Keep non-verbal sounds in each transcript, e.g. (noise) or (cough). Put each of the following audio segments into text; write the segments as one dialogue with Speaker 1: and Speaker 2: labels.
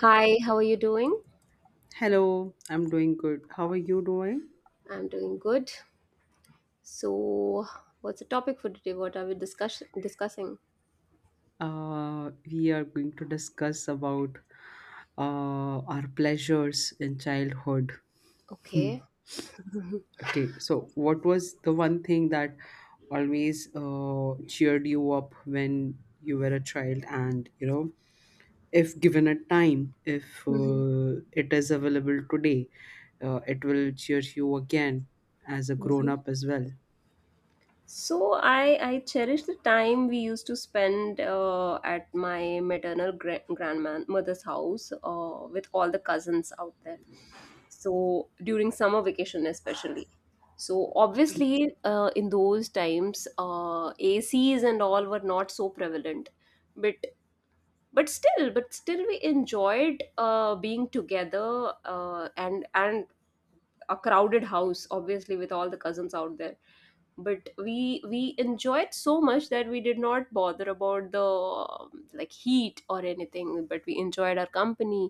Speaker 1: Hi, how are you doing?
Speaker 2: Hello, I'm doing good. How are you doing?
Speaker 1: I'm doing good. So, what's the topic for today? What are we discussing?
Speaker 2: We are going to discuss about our pleasures in childhood.
Speaker 1: Okay.
Speaker 2: Okay, so what was the one thing that always cheered you up when you were a child? And if given a time, if
Speaker 1: hmm
Speaker 2: it is available today, it will cheer you again as a grown
Speaker 1: hmm
Speaker 2: up as well.
Speaker 1: So, I cherish the time we used to spend at my maternal grandmother's house with all the cousins out there. So, during summer vacation especially. So obviously, in those times, ACs and all were not so prevalent. But but still we enjoyed being together, and a crowded house, obviously, with all the cousins out there, but we enjoyed so much that we did not bother about the like heat or anything, but we enjoyed our company,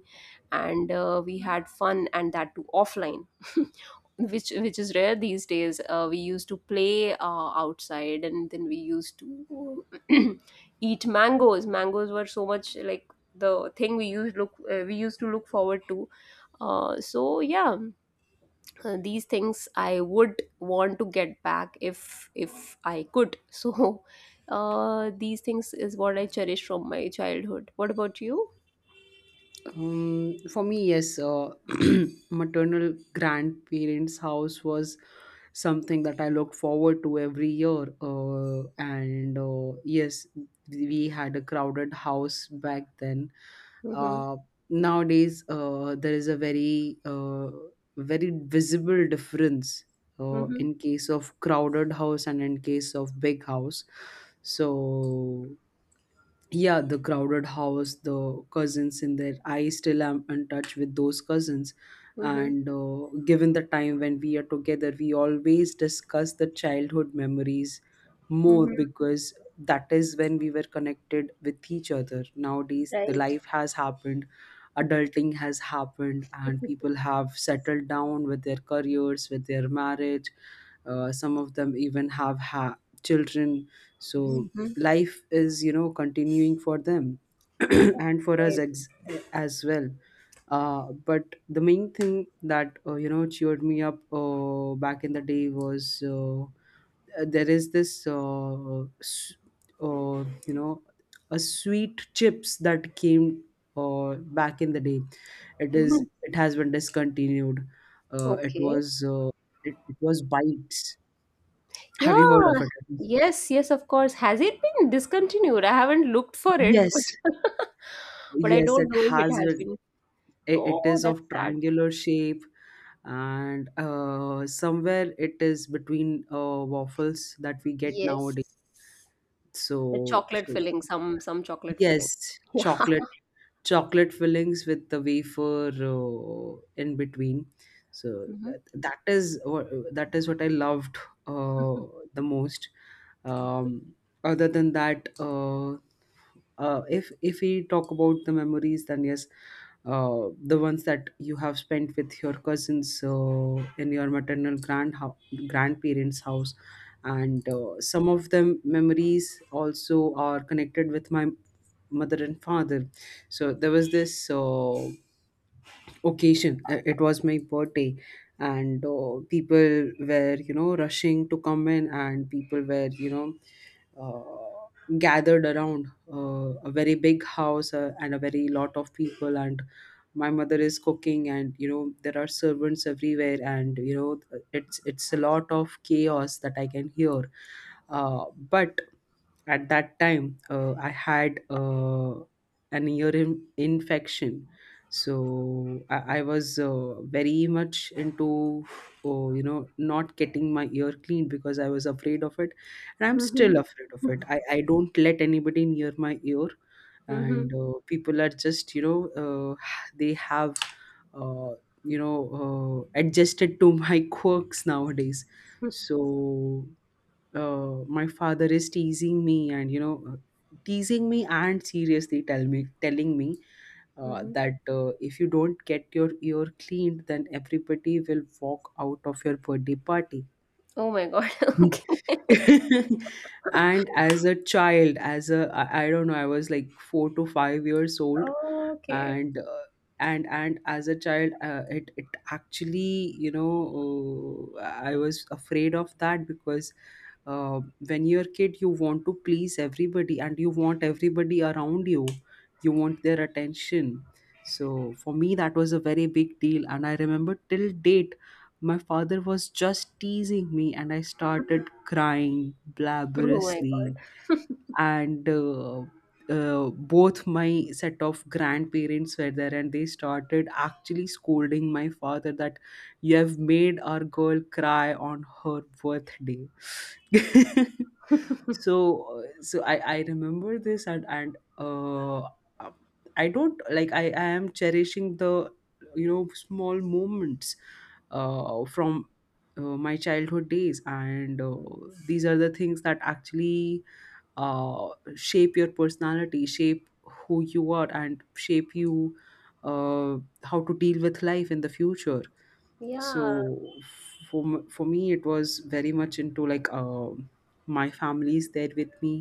Speaker 1: and we had fun, and that too offline. (laughs) Which is rare these days. We used to play outside, and then we used to (clears throat) eat mangoes. Mangoes were so much like the thing we used to look forward to. Yeah, these things I would want to get back if I could. (laughs) so these things is what I cherish from my childhood. What about you?
Speaker 2: For me, yes, (clears throat) maternal grandparents' house was something that I looked forward to every year. And yes, we had a crowded house back then.
Speaker 1: Mm-hmm.
Speaker 2: Uh, Nowadays, there is a very, very visible difference
Speaker 1: Mm-hmm.
Speaker 2: in case of crowded house and in case of big house. So yeah, the crowded house, the cousins in there, I still am in touch with those cousins.
Speaker 1: Mm-hmm.
Speaker 2: And given the time when we are together, we always discuss the childhood memories more,
Speaker 1: Mm-hmm.
Speaker 2: because that is when we were connected with each other. Nowadays the
Speaker 1: Right.
Speaker 2: life has happened, adulting has happened, and people have settled down with their careers, with their marriage. Some of them even have children. So
Speaker 1: Mm-hmm.
Speaker 2: life is, continuing for them (clears throat) and for us
Speaker 1: Right.
Speaker 2: as well. But the main thing that cheered me up back in the day was, there is this, uh, you know a sweet chips that came back in the day. it
Speaker 1: Mhm.
Speaker 2: is it has been discontinued. It
Speaker 1: Okay.
Speaker 2: was, it was bites. Have you heard
Speaker 1: Yeah,
Speaker 2: of it?
Speaker 1: yes, yes, of course. Has it been discontinued? I haven't looked for it. (laughs)
Speaker 2: Yes,
Speaker 1: But I
Speaker 2: yes,
Speaker 1: don't
Speaker 2: it
Speaker 1: know if it
Speaker 2: has.
Speaker 1: has been.
Speaker 2: It
Speaker 1: Oh,
Speaker 2: is
Speaker 1: that's
Speaker 2: of
Speaker 1: sad.
Speaker 2: triangular shape, and somewhere it is between waffles that we get
Speaker 1: Yes,
Speaker 2: nowadays.
Speaker 1: the
Speaker 2: so,
Speaker 1: chocolate
Speaker 2: so
Speaker 1: filling,
Speaker 2: yeah.
Speaker 1: some chocolate filling.
Speaker 2: Yes,
Speaker 1: (laughs) Yeah.
Speaker 2: chocolate fillings with the wafer in between. So
Speaker 1: Mm-hmm.
Speaker 2: that is what I loved uh, the most. um, Other than that, if we talk about the memories, then yes, uh, the ones that you have spent with your cousins, in your maternal grandparents house. And some of them memories also are connected with my mother and father. So there was this occasion. It was my birthday, and people were, rushing to come in, and people were, gathered around a very big house and a very lot of people. And my mother is cooking, and, there are servants everywhere, and, it's a lot of chaos that I can hear. But at that time, I had an ear infection. So I was very much into, oh, not getting my ear cleaned, because I was afraid of it. And I'm
Speaker 1: Mhm.
Speaker 2: still afraid of it. I don't let anybody near my ear.
Speaker 1: Mhm.
Speaker 2: And people are just, (sighs) they have, uh, adjusted to (laughs) my quirks nowadays. So my father is teasing me and seriously telling me
Speaker 1: Mhm. (laughs)
Speaker 2: that if you don't get your ear cleaned, then everybody will walk out of your birthday party.
Speaker 1: Oh my God. (laughs)
Speaker 2: (laughs)
Speaker 1: Okay. (laughs)
Speaker 2: And as a child, as a I don't know, I was like 4 to 5 years old.
Speaker 1: Okay.
Speaker 2: And uh, and and as a child, it actually, I was afraid of that, because uh, when you're a kid, you want to please everybody, and you want everybody around you. You want their attention. So for me, that was a very big deal, and I remember till date my father was just teasing me, and I started crying
Speaker 1: Oh my God.
Speaker 2: blabberously. And both my set of grandparents were there, and they started actually scolding my father that you have made our girl cry on her birthday. (laughs) So I remember this. And I don't like, I am cherishing the, small moments from, my childhood days. And these are the things that actually uh, shape your personality, shape who you are, and shape you, uh, how to deal with life in the future.
Speaker 1: Yeah.
Speaker 2: So for me, it was very much into, like, my family is there with me.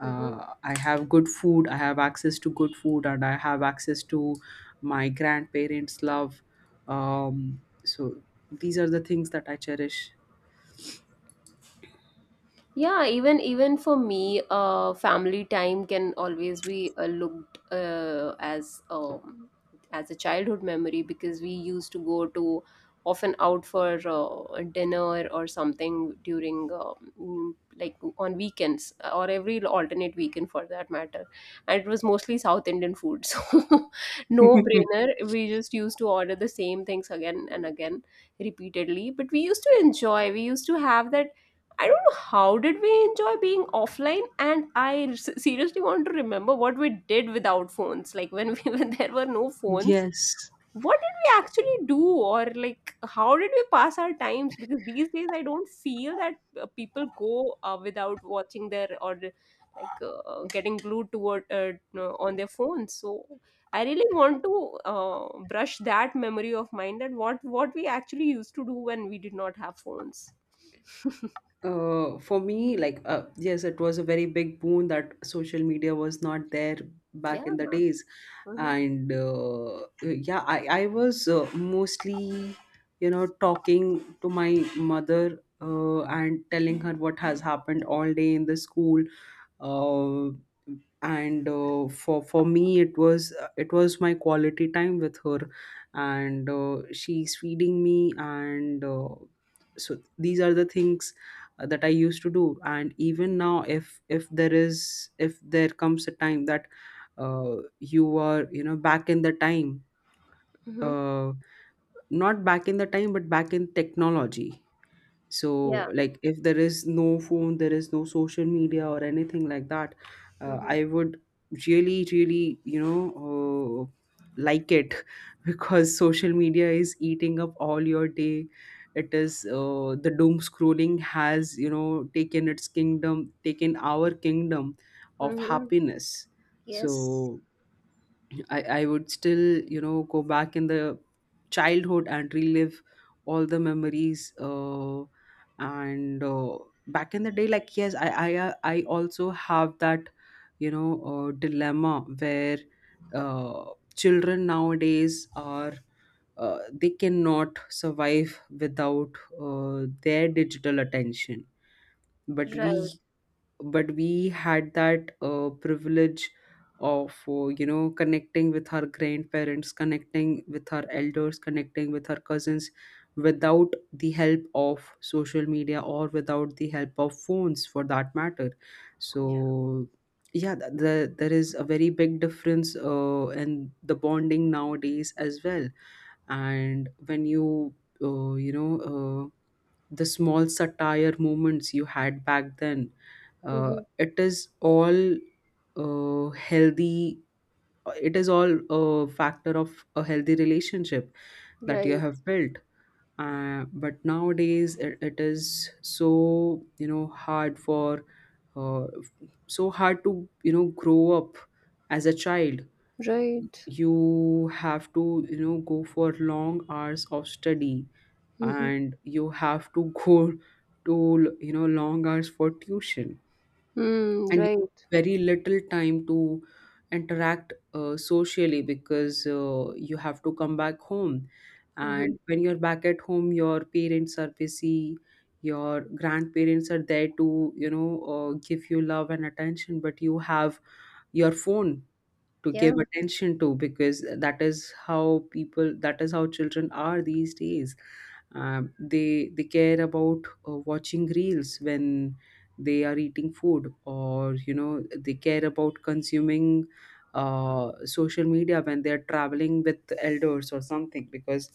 Speaker 1: Mhm.
Speaker 2: I have good food. I have access to good food, and I have access to my grandparents' love. So these are the things that I cherish.
Speaker 1: Yeah, even for me, family time can always be, looked, as a childhood memory, because we used to go to often out for dinner or something during like on weekends or every alternate weekend for that matter. And it was mostly South Indian food. (laughs) So, no
Speaker 2: (laughs)
Speaker 1: brainer, we just used to order the same things again and again repeatedly, but we used to enjoy. We used to have that. I don't know how did we enjoy being offline, and seriously want to remember what we did without phones. Like when we (laughs) when there were no phones,
Speaker 2: Yes.
Speaker 1: what did we actually do, or like how did we pass our times? Because these days I don't feel that people go without watching their or like getting glued toward on their phones. So I really want to brush that memory of mine that what we actually used to do when we did not have phones. (laughs)
Speaker 2: For me, like, yes, it was a very big boon that social media was not there
Speaker 1: Yeah.
Speaker 2: back in the days.
Speaker 1: Mhm.
Speaker 2: And yeah, I was mostly, talking to my mother and telling her what has happened all day in the school, uh, and for me, it was my quality time with her, and she's feeding me, and so these are the things that I used to do. And even now, if there comes a time that you are, back in the time,
Speaker 1: Mm-hmm.
Speaker 2: uh, not back in the time but back in technology. So,
Speaker 1: Yeah.
Speaker 2: like, if there is no phone, there is no social media or anything like that,
Speaker 1: Mm-hmm.
Speaker 2: I would really, really, like it. (laughs) Because social media is eating up all your day. It is, the doom scrolling has, taken its kingdom, taken our kingdom of
Speaker 1: Mm-hmm.
Speaker 2: happiness.
Speaker 1: Yes.
Speaker 2: So, I would still, go back in the childhood and relive all the memories. And back in the day, like, yes, I also have that, dilemma where uh, children nowadays are, they cannot survive without their digital attention. But
Speaker 1: Right.
Speaker 2: we but we had that privilege of connecting with our grandparents, connecting with our elders, connecting with our cousins, without the help of social media or without the help of phones for that matter.
Speaker 1: Yeah.
Speaker 2: So yeah, there is a very big difference in the bonding nowadays as well. And when you, you know uh, the small satire moments you had back then,
Speaker 1: Mm-hmm.
Speaker 2: it is all healthy. It is all a factor of a healthy relationship that you
Speaker 1: Right.
Speaker 2: have built. But nowadays it is so, hard for, uh, so hard to, grow up as a child.
Speaker 1: Right.
Speaker 2: You have to, go for long hours of study,
Speaker 1: Mm-hmm.
Speaker 2: and you have to go to, long hours for tuition.
Speaker 1: Mm,
Speaker 2: And
Speaker 1: right.
Speaker 2: very little time to interact socially, because you have to come back home.
Speaker 1: Mm-hmm.
Speaker 2: And when you're back at home, your parents are busy, your grandparents are there to, give you love and attention, but you have your phone to give
Speaker 1: Yeah.
Speaker 2: attention to, because that is how people, that is how children are these days. They care about watching reels when they are eating food, or, they care about consuming social media when they are traveling with elders or something, because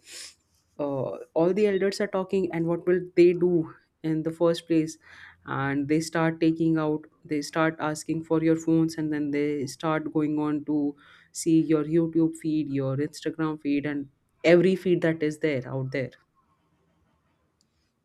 Speaker 2: all the elders are talking, and what will they do in the first place. And they start asking for your phones, and then they start going on to see your YouTube feed, your Instagram feed, and every feed that is there out there.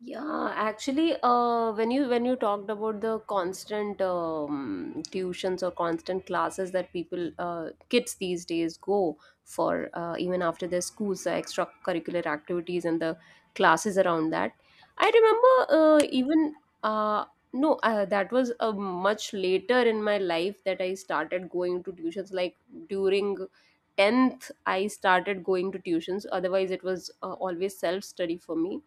Speaker 1: Yeah, actually, when you talked about the constant tuitions or constant classes that people, kids these days go for, even after their schools, the extracurricular activities and the classes around that. I remember even uh, no, that was much later in my life that I started going to tuitions. Like during 10th, I started going to tuitions. Otherwise, it was always self study for me,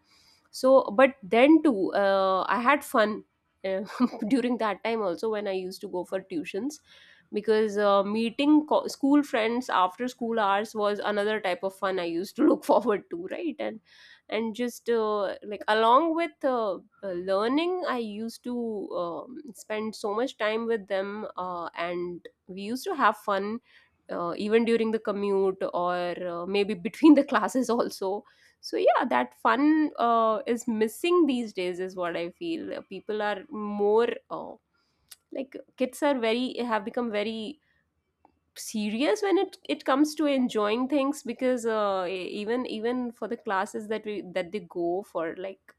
Speaker 1: so but then too I had fun, uh, (laughs) during that time also when I used to go for tuitions, because meeting school friends after school hours was another type of fun I used to look (laughs) forward to, right? And just, like along with learning, I used to spend so much time with them, and we used to have fun, even during the commute or maybe between the (laughs) classes also. So yeah, that fun, is missing these days is what I feel. People are more, like kids are very have become very serious when it comes to enjoying things, because even for the classes that we that they go for, like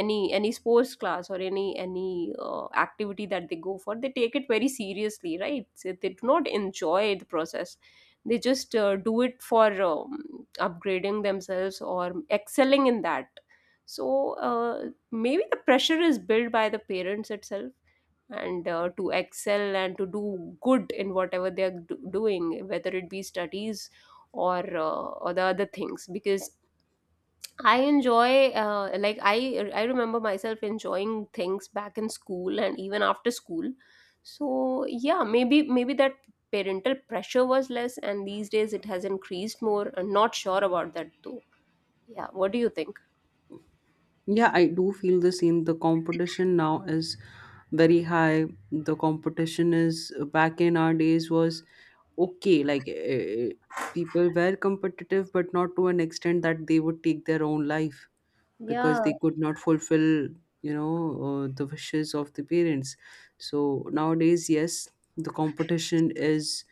Speaker 1: any sports class or any activity that they go for, they take it very seriously, right? So they do not enjoy the process. They just do it for upgrading themselves or excelling in that. So maybe the pressure is built by the parents itself, and to excel and to do good in whatever they are doing, whether it be studies or the other things. Because I enjoy, I remember myself enjoying things back in school and even after school. So yeah, maybe that parental pressure was less, and these days it has increased more. I'm not sure about that though. Yeah, what do you think?
Speaker 2: Yeah, I do feel the same. The competition now is very high. The competition, is back in our days, was okay. Like, people were competitive, but not to an extent that they would take their own life, because
Speaker 1: Yeah,
Speaker 2: they could not fulfill, the wishes of the parents. So nowadays, yes, the competition is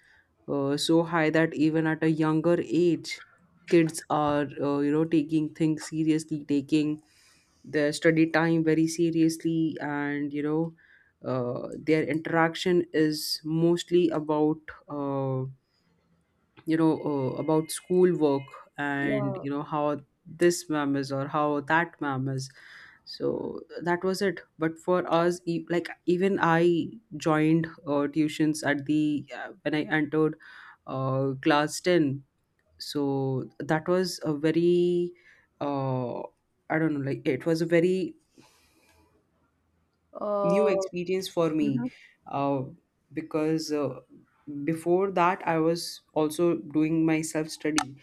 Speaker 2: so high that even at a younger age, kids are, taking things seriously, taking their study time very seriously. And, their interaction is mostly uh, about schoolwork, and,
Speaker 1: yeah.
Speaker 2: how this ma'am is or how that ma'am is. So that was it. But for us like, even I joined tuitions at the when I entered class 10. So that was a very, uh, I don't know, like, it was a very new
Speaker 1: Uh,
Speaker 2: experience for
Speaker 1: mhm,
Speaker 2: me. uh, because before that, I was also doing my self study,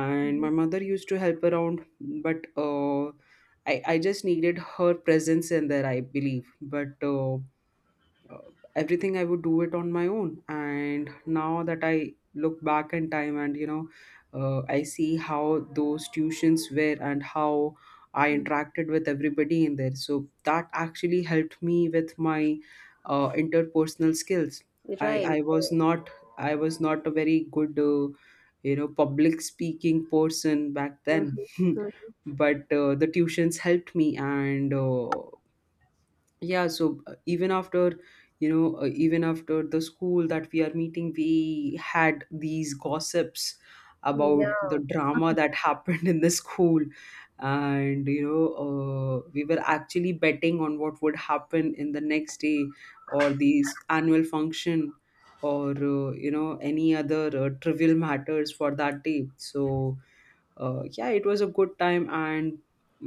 Speaker 2: and my
Speaker 1: mhm,
Speaker 2: mother used to help around. But I just needed her presence in there, I believe. But uh, everything, I would do it on my own. And now that I look back in time, and, I see how those tuitions were and how I
Speaker 1: mhm.
Speaker 2: interacted with everybody in there. So that actually helped me with my interpersonal skills. I,
Speaker 1: Right.
Speaker 2: I was
Speaker 1: Right.
Speaker 2: not I was not a very good public speaking person back
Speaker 1: Mhm,
Speaker 2: then (laughs)
Speaker 1: mhm.
Speaker 2: but the tuitions helped me and yeah. So even after even after the school that we are meeting, we had these gossips about the
Speaker 1: Yeah,
Speaker 2: drama
Speaker 1: (laughs)
Speaker 2: that (laughs) happened in the school. And we were actually betting on what would happen in the next day, or these annual function, or any other trivial matters for that day. So yeah, it was a good time. And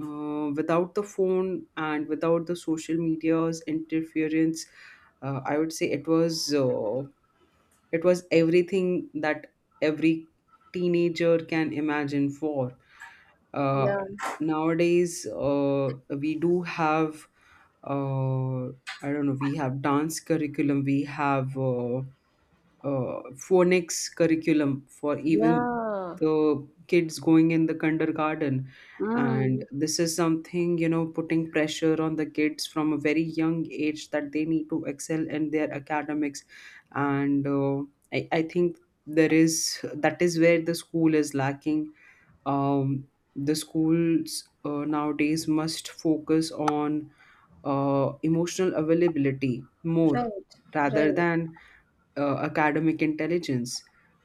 Speaker 2: without the phone and without the social media's interference, I would say it was everything that every teenager can imagine for. Uh,
Speaker 1: yeah,
Speaker 2: Nowadays, we do have uh, I don't know. We have dance curriculum. We have. Uh, Phonics curriculum for even
Speaker 1: yeah.
Speaker 2: the kids going in the kindergarten. And
Speaker 1: Mm,
Speaker 2: this is something, you know, putting pressure on the kids from a very young age that they need to excel in their academics. And I think there is that is where the school is lacking. um, the schools nowadays must focus on emotional availability
Speaker 1: right,
Speaker 2: more rather
Speaker 1: right.
Speaker 2: than academic intelligence.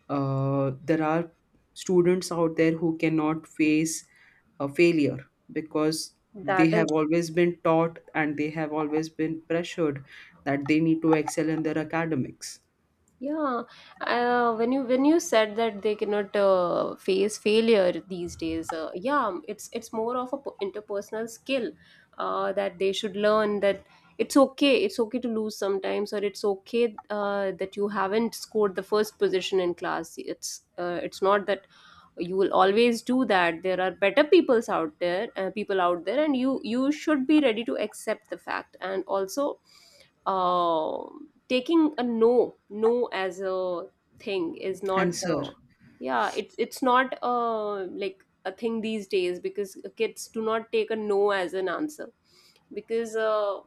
Speaker 2: There are students out there who cannot face a failure because they
Speaker 1: That
Speaker 2: have
Speaker 1: is.
Speaker 2: always been taught and they have always been pressured that they need to excel in their academics.
Speaker 1: Yeah, when you said that they cannot face failure these days, yeah, it's more of a interpersonal skill that they should learn that it's okay to lose sometimes, or it's okay that you haven't scored the first position in class. It's not that you will always do that. There are better peoples out there, people out there, and you should be ready to accept the fact. And also, uh, taking a no as a thing is not, uh,
Speaker 2: Answer
Speaker 1: yeah, it's not, like a thing these days, because kids do not take a no as an answer. Because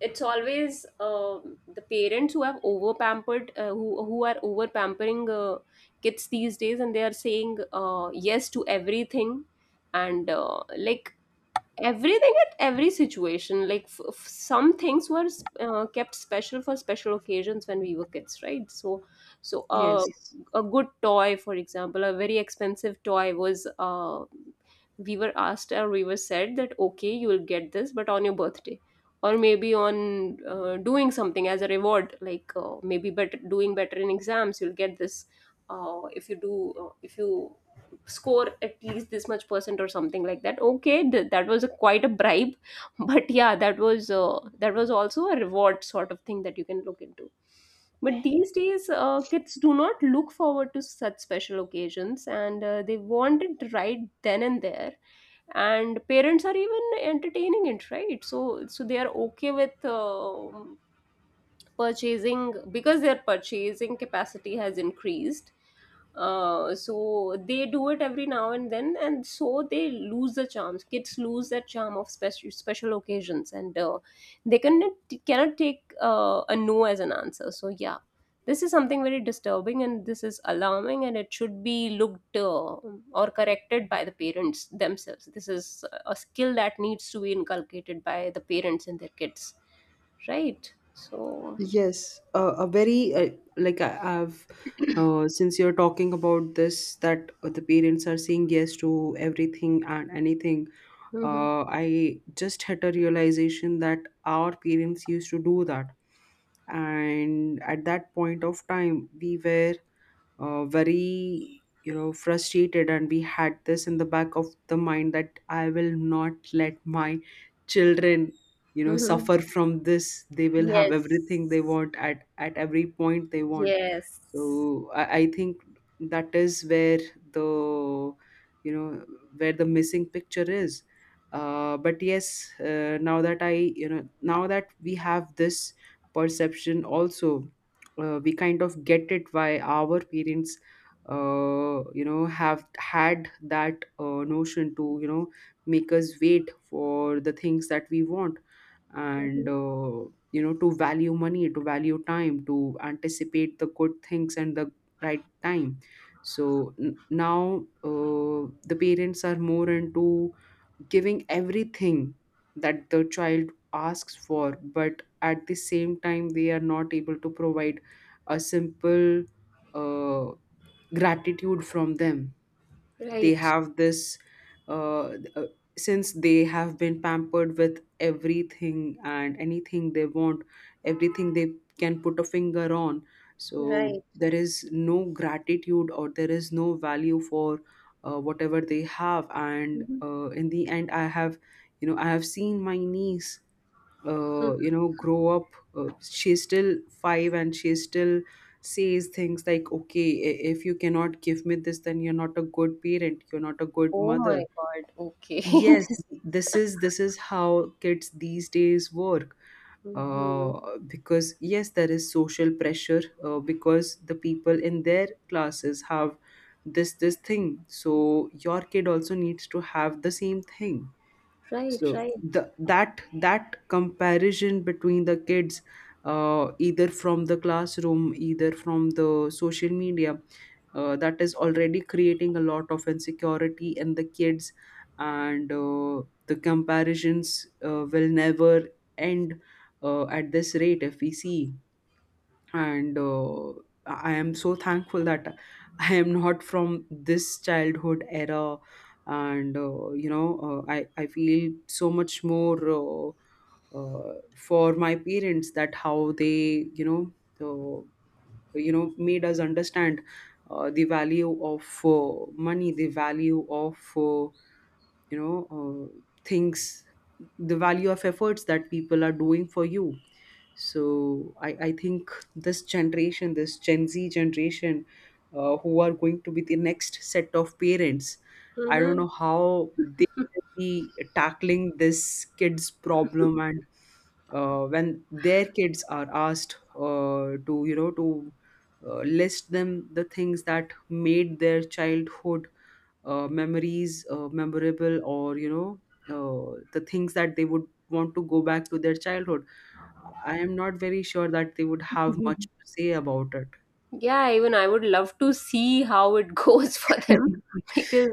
Speaker 1: it's always, the parents who have over pampered, who are over pampering, kids these days, and they are saying yes to everything. And like everything at every situation. Like some things were kept special for special occasions when we were kids, right? So
Speaker 2: yes,
Speaker 1: a good toy, for example, a very expensive toy, was we were asked or we were said that okay, you will get this but on your birthday, or maybe on doing something as a reward. Like maybe better doing better in exams you'll get this. If you score at least this much percent or something like that, okay, that was a, quite a bribe, (laughs) but yeah, that was, that was also a reward sort of thing that you can look into. But these days kids do not look forward to such special occasions, and they want it right then and there. And parents are even entertaining it, right? So so they are okay with purchasing, because their purchasing capacity has increased. So they do it every now and then, and so they lose the charms. Kids lose that charm of special occasions, and they cannot cannot take a no as an answer. So yeah, this is something very disturbing, and this is alarming, and it should be looked, or corrected by the parents themselves. This is a skill that needs to be inculcated by the parents and their kids, right? So
Speaker 2: yes, a very like I, I've. Since you're talking about this, that the parents are saying yes to everything and anything,
Speaker 1: mhm,
Speaker 2: I just had a realization that our parents used to do that. And at that point of time, we were very, you know, frustrated, and we had this in the back of the mind that I will not let my children, you know,
Speaker 1: mhm.
Speaker 2: suffer from this. They will have everything they
Speaker 1: Yes,
Speaker 2: want at every point they want.
Speaker 1: yes.
Speaker 2: So I think that is where the, you know, where the missing picture is. But yes, now that I you know now that we have this perception also, we kind of get it why our parents, have had that notion to, you know, make us wait for the things that we want.
Speaker 1: Mhm.
Speaker 2: And you know, to value money, to value time, to anticipate the good things and the right time. So n- now the parents are more into giving everything that the child asks for, but at the same time they are not able to provide a simple uh, gratitude from them. They
Speaker 1: Right.
Speaker 2: have this uh, uh, since they have been pampered with everything and anything they want, everything they can put a finger on, so
Speaker 1: Right.
Speaker 2: there is no gratitude or there is no value for whatever they have. And
Speaker 1: Mhm.
Speaker 2: in the end, I have, you know, I have seen my niece
Speaker 1: Mhm.
Speaker 2: you know, grow up. She's still 5 and she still says things like, okay, if you cannot give me this then you're not a good parent, you're not a good
Speaker 1: Oh
Speaker 2: mother.
Speaker 1: my God. Okay. (laughs)
Speaker 2: Yes,
Speaker 1: This.
Speaker 2: this is, this is how kids these days work. uh,
Speaker 1: Mhm.
Speaker 2: because yes, there is social pressure, because the people in their classes have this thing, so your kid also needs to have the same thing.
Speaker 1: Right.
Speaker 2: So
Speaker 1: Right.
Speaker 2: the that comparison between the kids, either from the classroom, either from the social media, that is already creating a lot of insecurity in the kids. And the comparisons will never end at this rate if we see. And I am so thankful that I am not from this childhood era. And I feel so much more, for my parents, that how they, you know, made us understand the value of money, the value of things, the value of efforts that people are doing for you. So I think this generation, this gen Z generation, who are going to be the next set of parents, I don't know how they will be tackling this kids problem. And when their kids are asked to, you know, to list them the things that made their childhood memories memorable, or, you know, the things that they would want to go back to their childhood, I am not very sure that they would have much
Speaker 1: Mhm.
Speaker 2: to say about
Speaker 1: Yeah, even I would love to see how it goes (laughs) for them.
Speaker 2: it. (laughs)
Speaker 1: because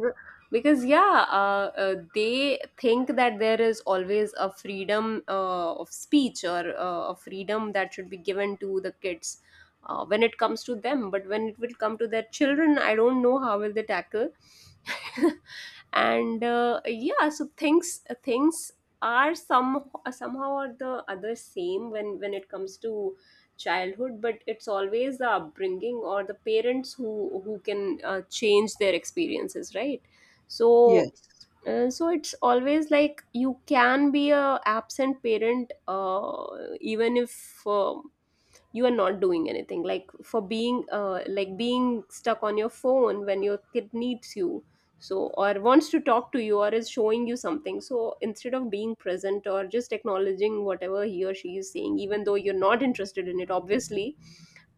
Speaker 1: because yeah, they think that there is always a freedom of speech or a freedom that should be given to the kids, when it comes to them, but when it will come to their children, I don't know how will they tackle. (laughs) And yeah, so things are somehow or the other same when it comes to childhood. But it's always the upbringing or the parents who can change their experiences, right? So
Speaker 2: Yes.
Speaker 1: it's always like you can be a absent parent, even if you are not doing anything, like for being, like being stuck on your phone when your kid needs you. So, or wants to talk to you, or is showing you something. So instead of being present or just acknowledging whatever he or she is saying, even though you're not interested in it, obviously,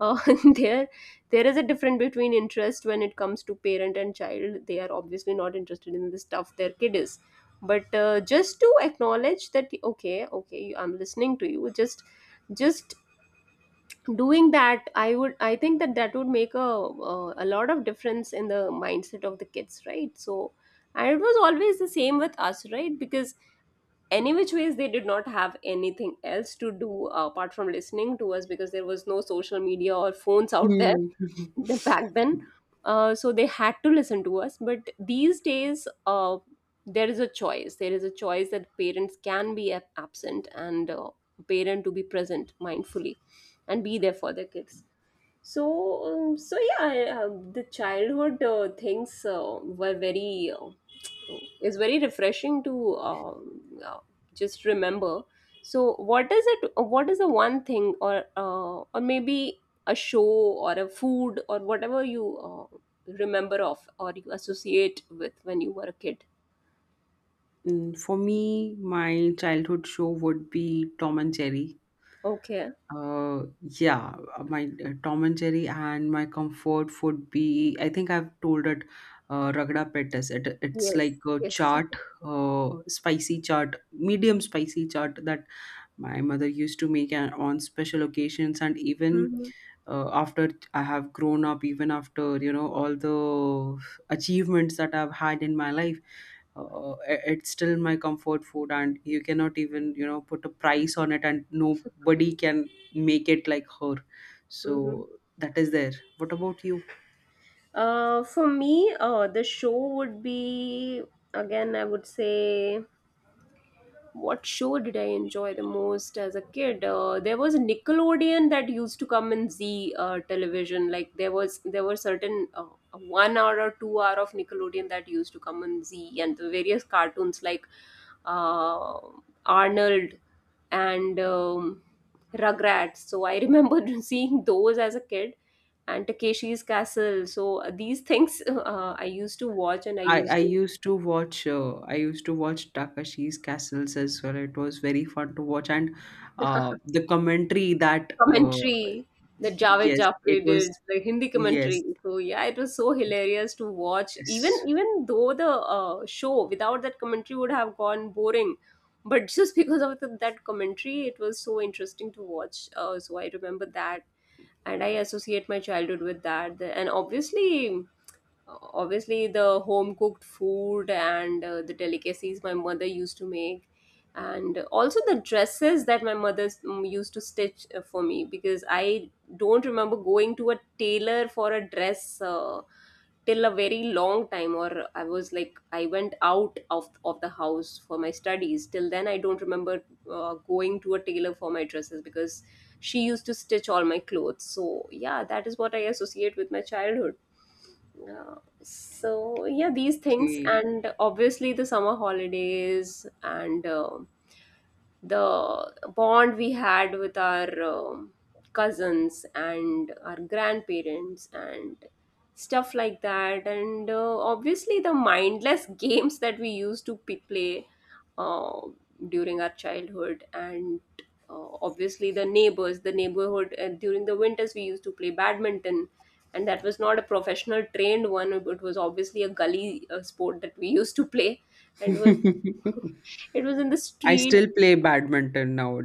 Speaker 1: uh, (laughs) there there is a difference between interest when it comes to parent and child. They are obviously not interested in the stuff their kid is. But just to acknowledge that okay, okay, I'm listening to you, just just doing that. I would I think that that would make a lot of difference in the mindset of the kids, right? So, and it was always the same with us, right? Because any which ways they did not have anything else to do apart from listening to us, because there was no social media or phones out there,
Speaker 2: Hmm. (laughs)
Speaker 1: the back then. So they had to listen to us. But these days there is a choice that parents can be absent, and parent to be present mindfully and be there for their kids. So Yeah, the childhood things were very is very refreshing to just remember. So, what is it? What is the one thing, or maybe a show or a food or whatever you remember of or you associate with when you were a kid?
Speaker 2: Mm, for me my childhood show would be Tom and Jerry.
Speaker 1: Okay.
Speaker 2: Uh, yeah, my Tom and Jerry. And my comfort would be, I think I've told it, Ragda Pettis. It's
Speaker 1: Yes.
Speaker 2: like a
Speaker 1: Yes.
Speaker 2: chaat, spicy chaat, medium spicy chaat that my mother used to make and on special occasions. And even
Speaker 1: Mm-hmm.
Speaker 2: after I have grown up, even after, you know, all the achievements that I've had in my life, it's still my comfort food and you cannot even, you know, put a price on it and nobody can make it like her.
Speaker 1: Mm-hmm.
Speaker 2: So that is there. What about you?
Speaker 1: For me, the show would be again. I would say, what show did I enjoy the most as a kid? There was Nickelodeon that used to come in Z television. Like there were certain 1 hour or 2 hour of Nickelodeon that used to come on Z, and the various cartoons like uh, Arnold and Rugrats. So I remember (laughs) seeing those as a kid, and Takeshi's Castle. So these things (laughs) I used to watch, and I
Speaker 2: i
Speaker 1: used
Speaker 2: i
Speaker 1: to
Speaker 2: used to watch uh, i used to watch Takashi's castles as well. It was very fun to watch. And the commentary that
Speaker 1: commentary that Javed
Speaker 2: yes, it
Speaker 1: Jaffri
Speaker 2: was.
Speaker 1: did, the Hindi commentary.
Speaker 2: Yes.
Speaker 1: So yeah, it was so hilarious to watch. Even
Speaker 2: Yes.
Speaker 1: even though the show without that commentary would have gone boring, but (laughs) just because of that commentary, it was so interesting to watch. So I remember that, and I associate my childhood with that. And obviously. Obviously the home cooked food and the delicacies my mother used to make, and also the dresses that my mother used to stitch for me, because I don't remember going to a tailor for a dress till a very long time, or I was like I went out of the house for my studies. Till then I don't remember going to a tailor for my dresses, because she used to stitch all my clothes. So yeah, that is what I associate with my childhood. uh, so yeah, these things,
Speaker 2: Okay.
Speaker 1: and obviously the summer holidays, and the bond we had with our cousins and our grandparents and stuff like that, and obviously the mindless (laughs) games that we used to play uh, during our childhood, and obviously the neighborhood during the winters we used to play badminton, and that was not a professional trained one. It was obviously a gully sport that we (laughs) used to play, and was
Speaker 2: (laughs)
Speaker 1: (laughs) it was in the
Speaker 2: I
Speaker 1: street,
Speaker 2: still play badminton now,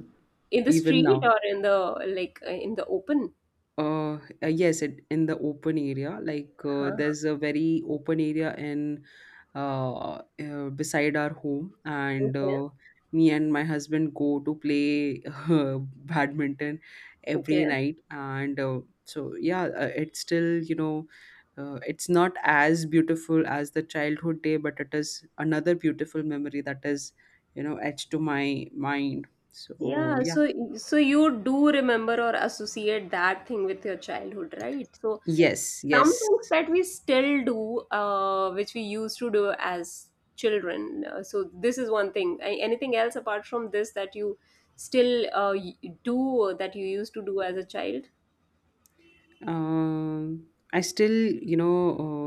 Speaker 2: even now.
Speaker 1: or in the like in the open?
Speaker 2: Yes, it in the open area. Like
Speaker 1: Huh.
Speaker 2: there's a very open area in beside our home, and
Speaker 1: Okay.
Speaker 2: me and my husband go to play (laughs) uh, badminton
Speaker 1: Okay.
Speaker 2: every night. And so yeah, it's still, you know, it's not as beautiful as the childhood day, but it is another beautiful memory that is, you know, etched to my mind. So
Speaker 1: Yeah,
Speaker 2: yeah,
Speaker 1: so you do remember or associate that thing with your childhood, right? So
Speaker 2: yes,
Speaker 1: some
Speaker 2: yes.
Speaker 1: things that we still do, which we used to do as children. So this is one thing. Anything else apart from this that you still do, or that you used to do as a child?
Speaker 2: Um, I still, you know,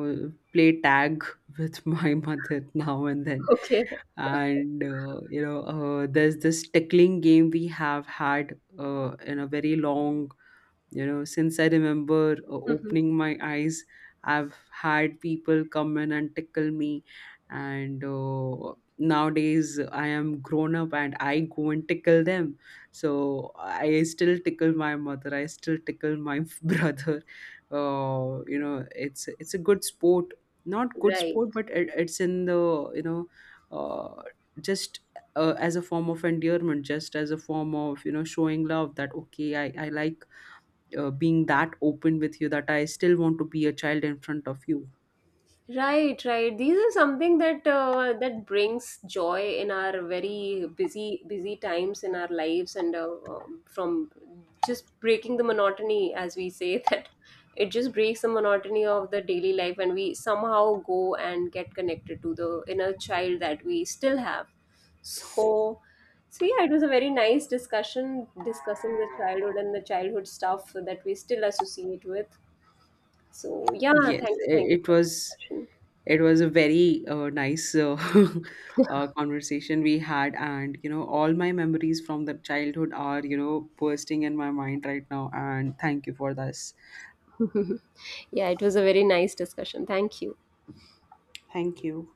Speaker 2: play tag with (laughs) my mother now and then.
Speaker 1: Okay.
Speaker 2: And you know, there's this tickling game we have had in a very long, you know, since I remember
Speaker 1: Mhm.
Speaker 2: opening my eyes, I've had people come in and tickle me, and nowadays I am grown up and I go and tickle them. So I still tickle my mother. I still tickle my (laughs) brother. You know, it's a good sport. Not good
Speaker 1: Right.
Speaker 2: sport, but it's in the, you know, uh, just as a form of endearment, just as a form of, you know, showing love that okay, I like being that open with you that I still want to be a child in front of you.
Speaker 1: Right, right. These are something that that brings joy in our very busy busy times in our lives, and from just breaking the monotony, as we say (laughs) that it just breaks the monotony of the daily life, and we somehow go and get connected to the inner child that we still have. So, so, yeah, it was a very nice discussion discussing the childhood and the childhood stuff that we still associate with. So yeah,
Speaker 2: Yes,
Speaker 1: thank you for the discussion.
Speaker 2: it was a very nice (laughs) conversation we had, and you know all my memories from the childhood are, you know, bursting in my mind right now. And thank you for this.
Speaker 1: (laughs) Yeah, it was a very nice discussion. Thank you.
Speaker 2: Thank you.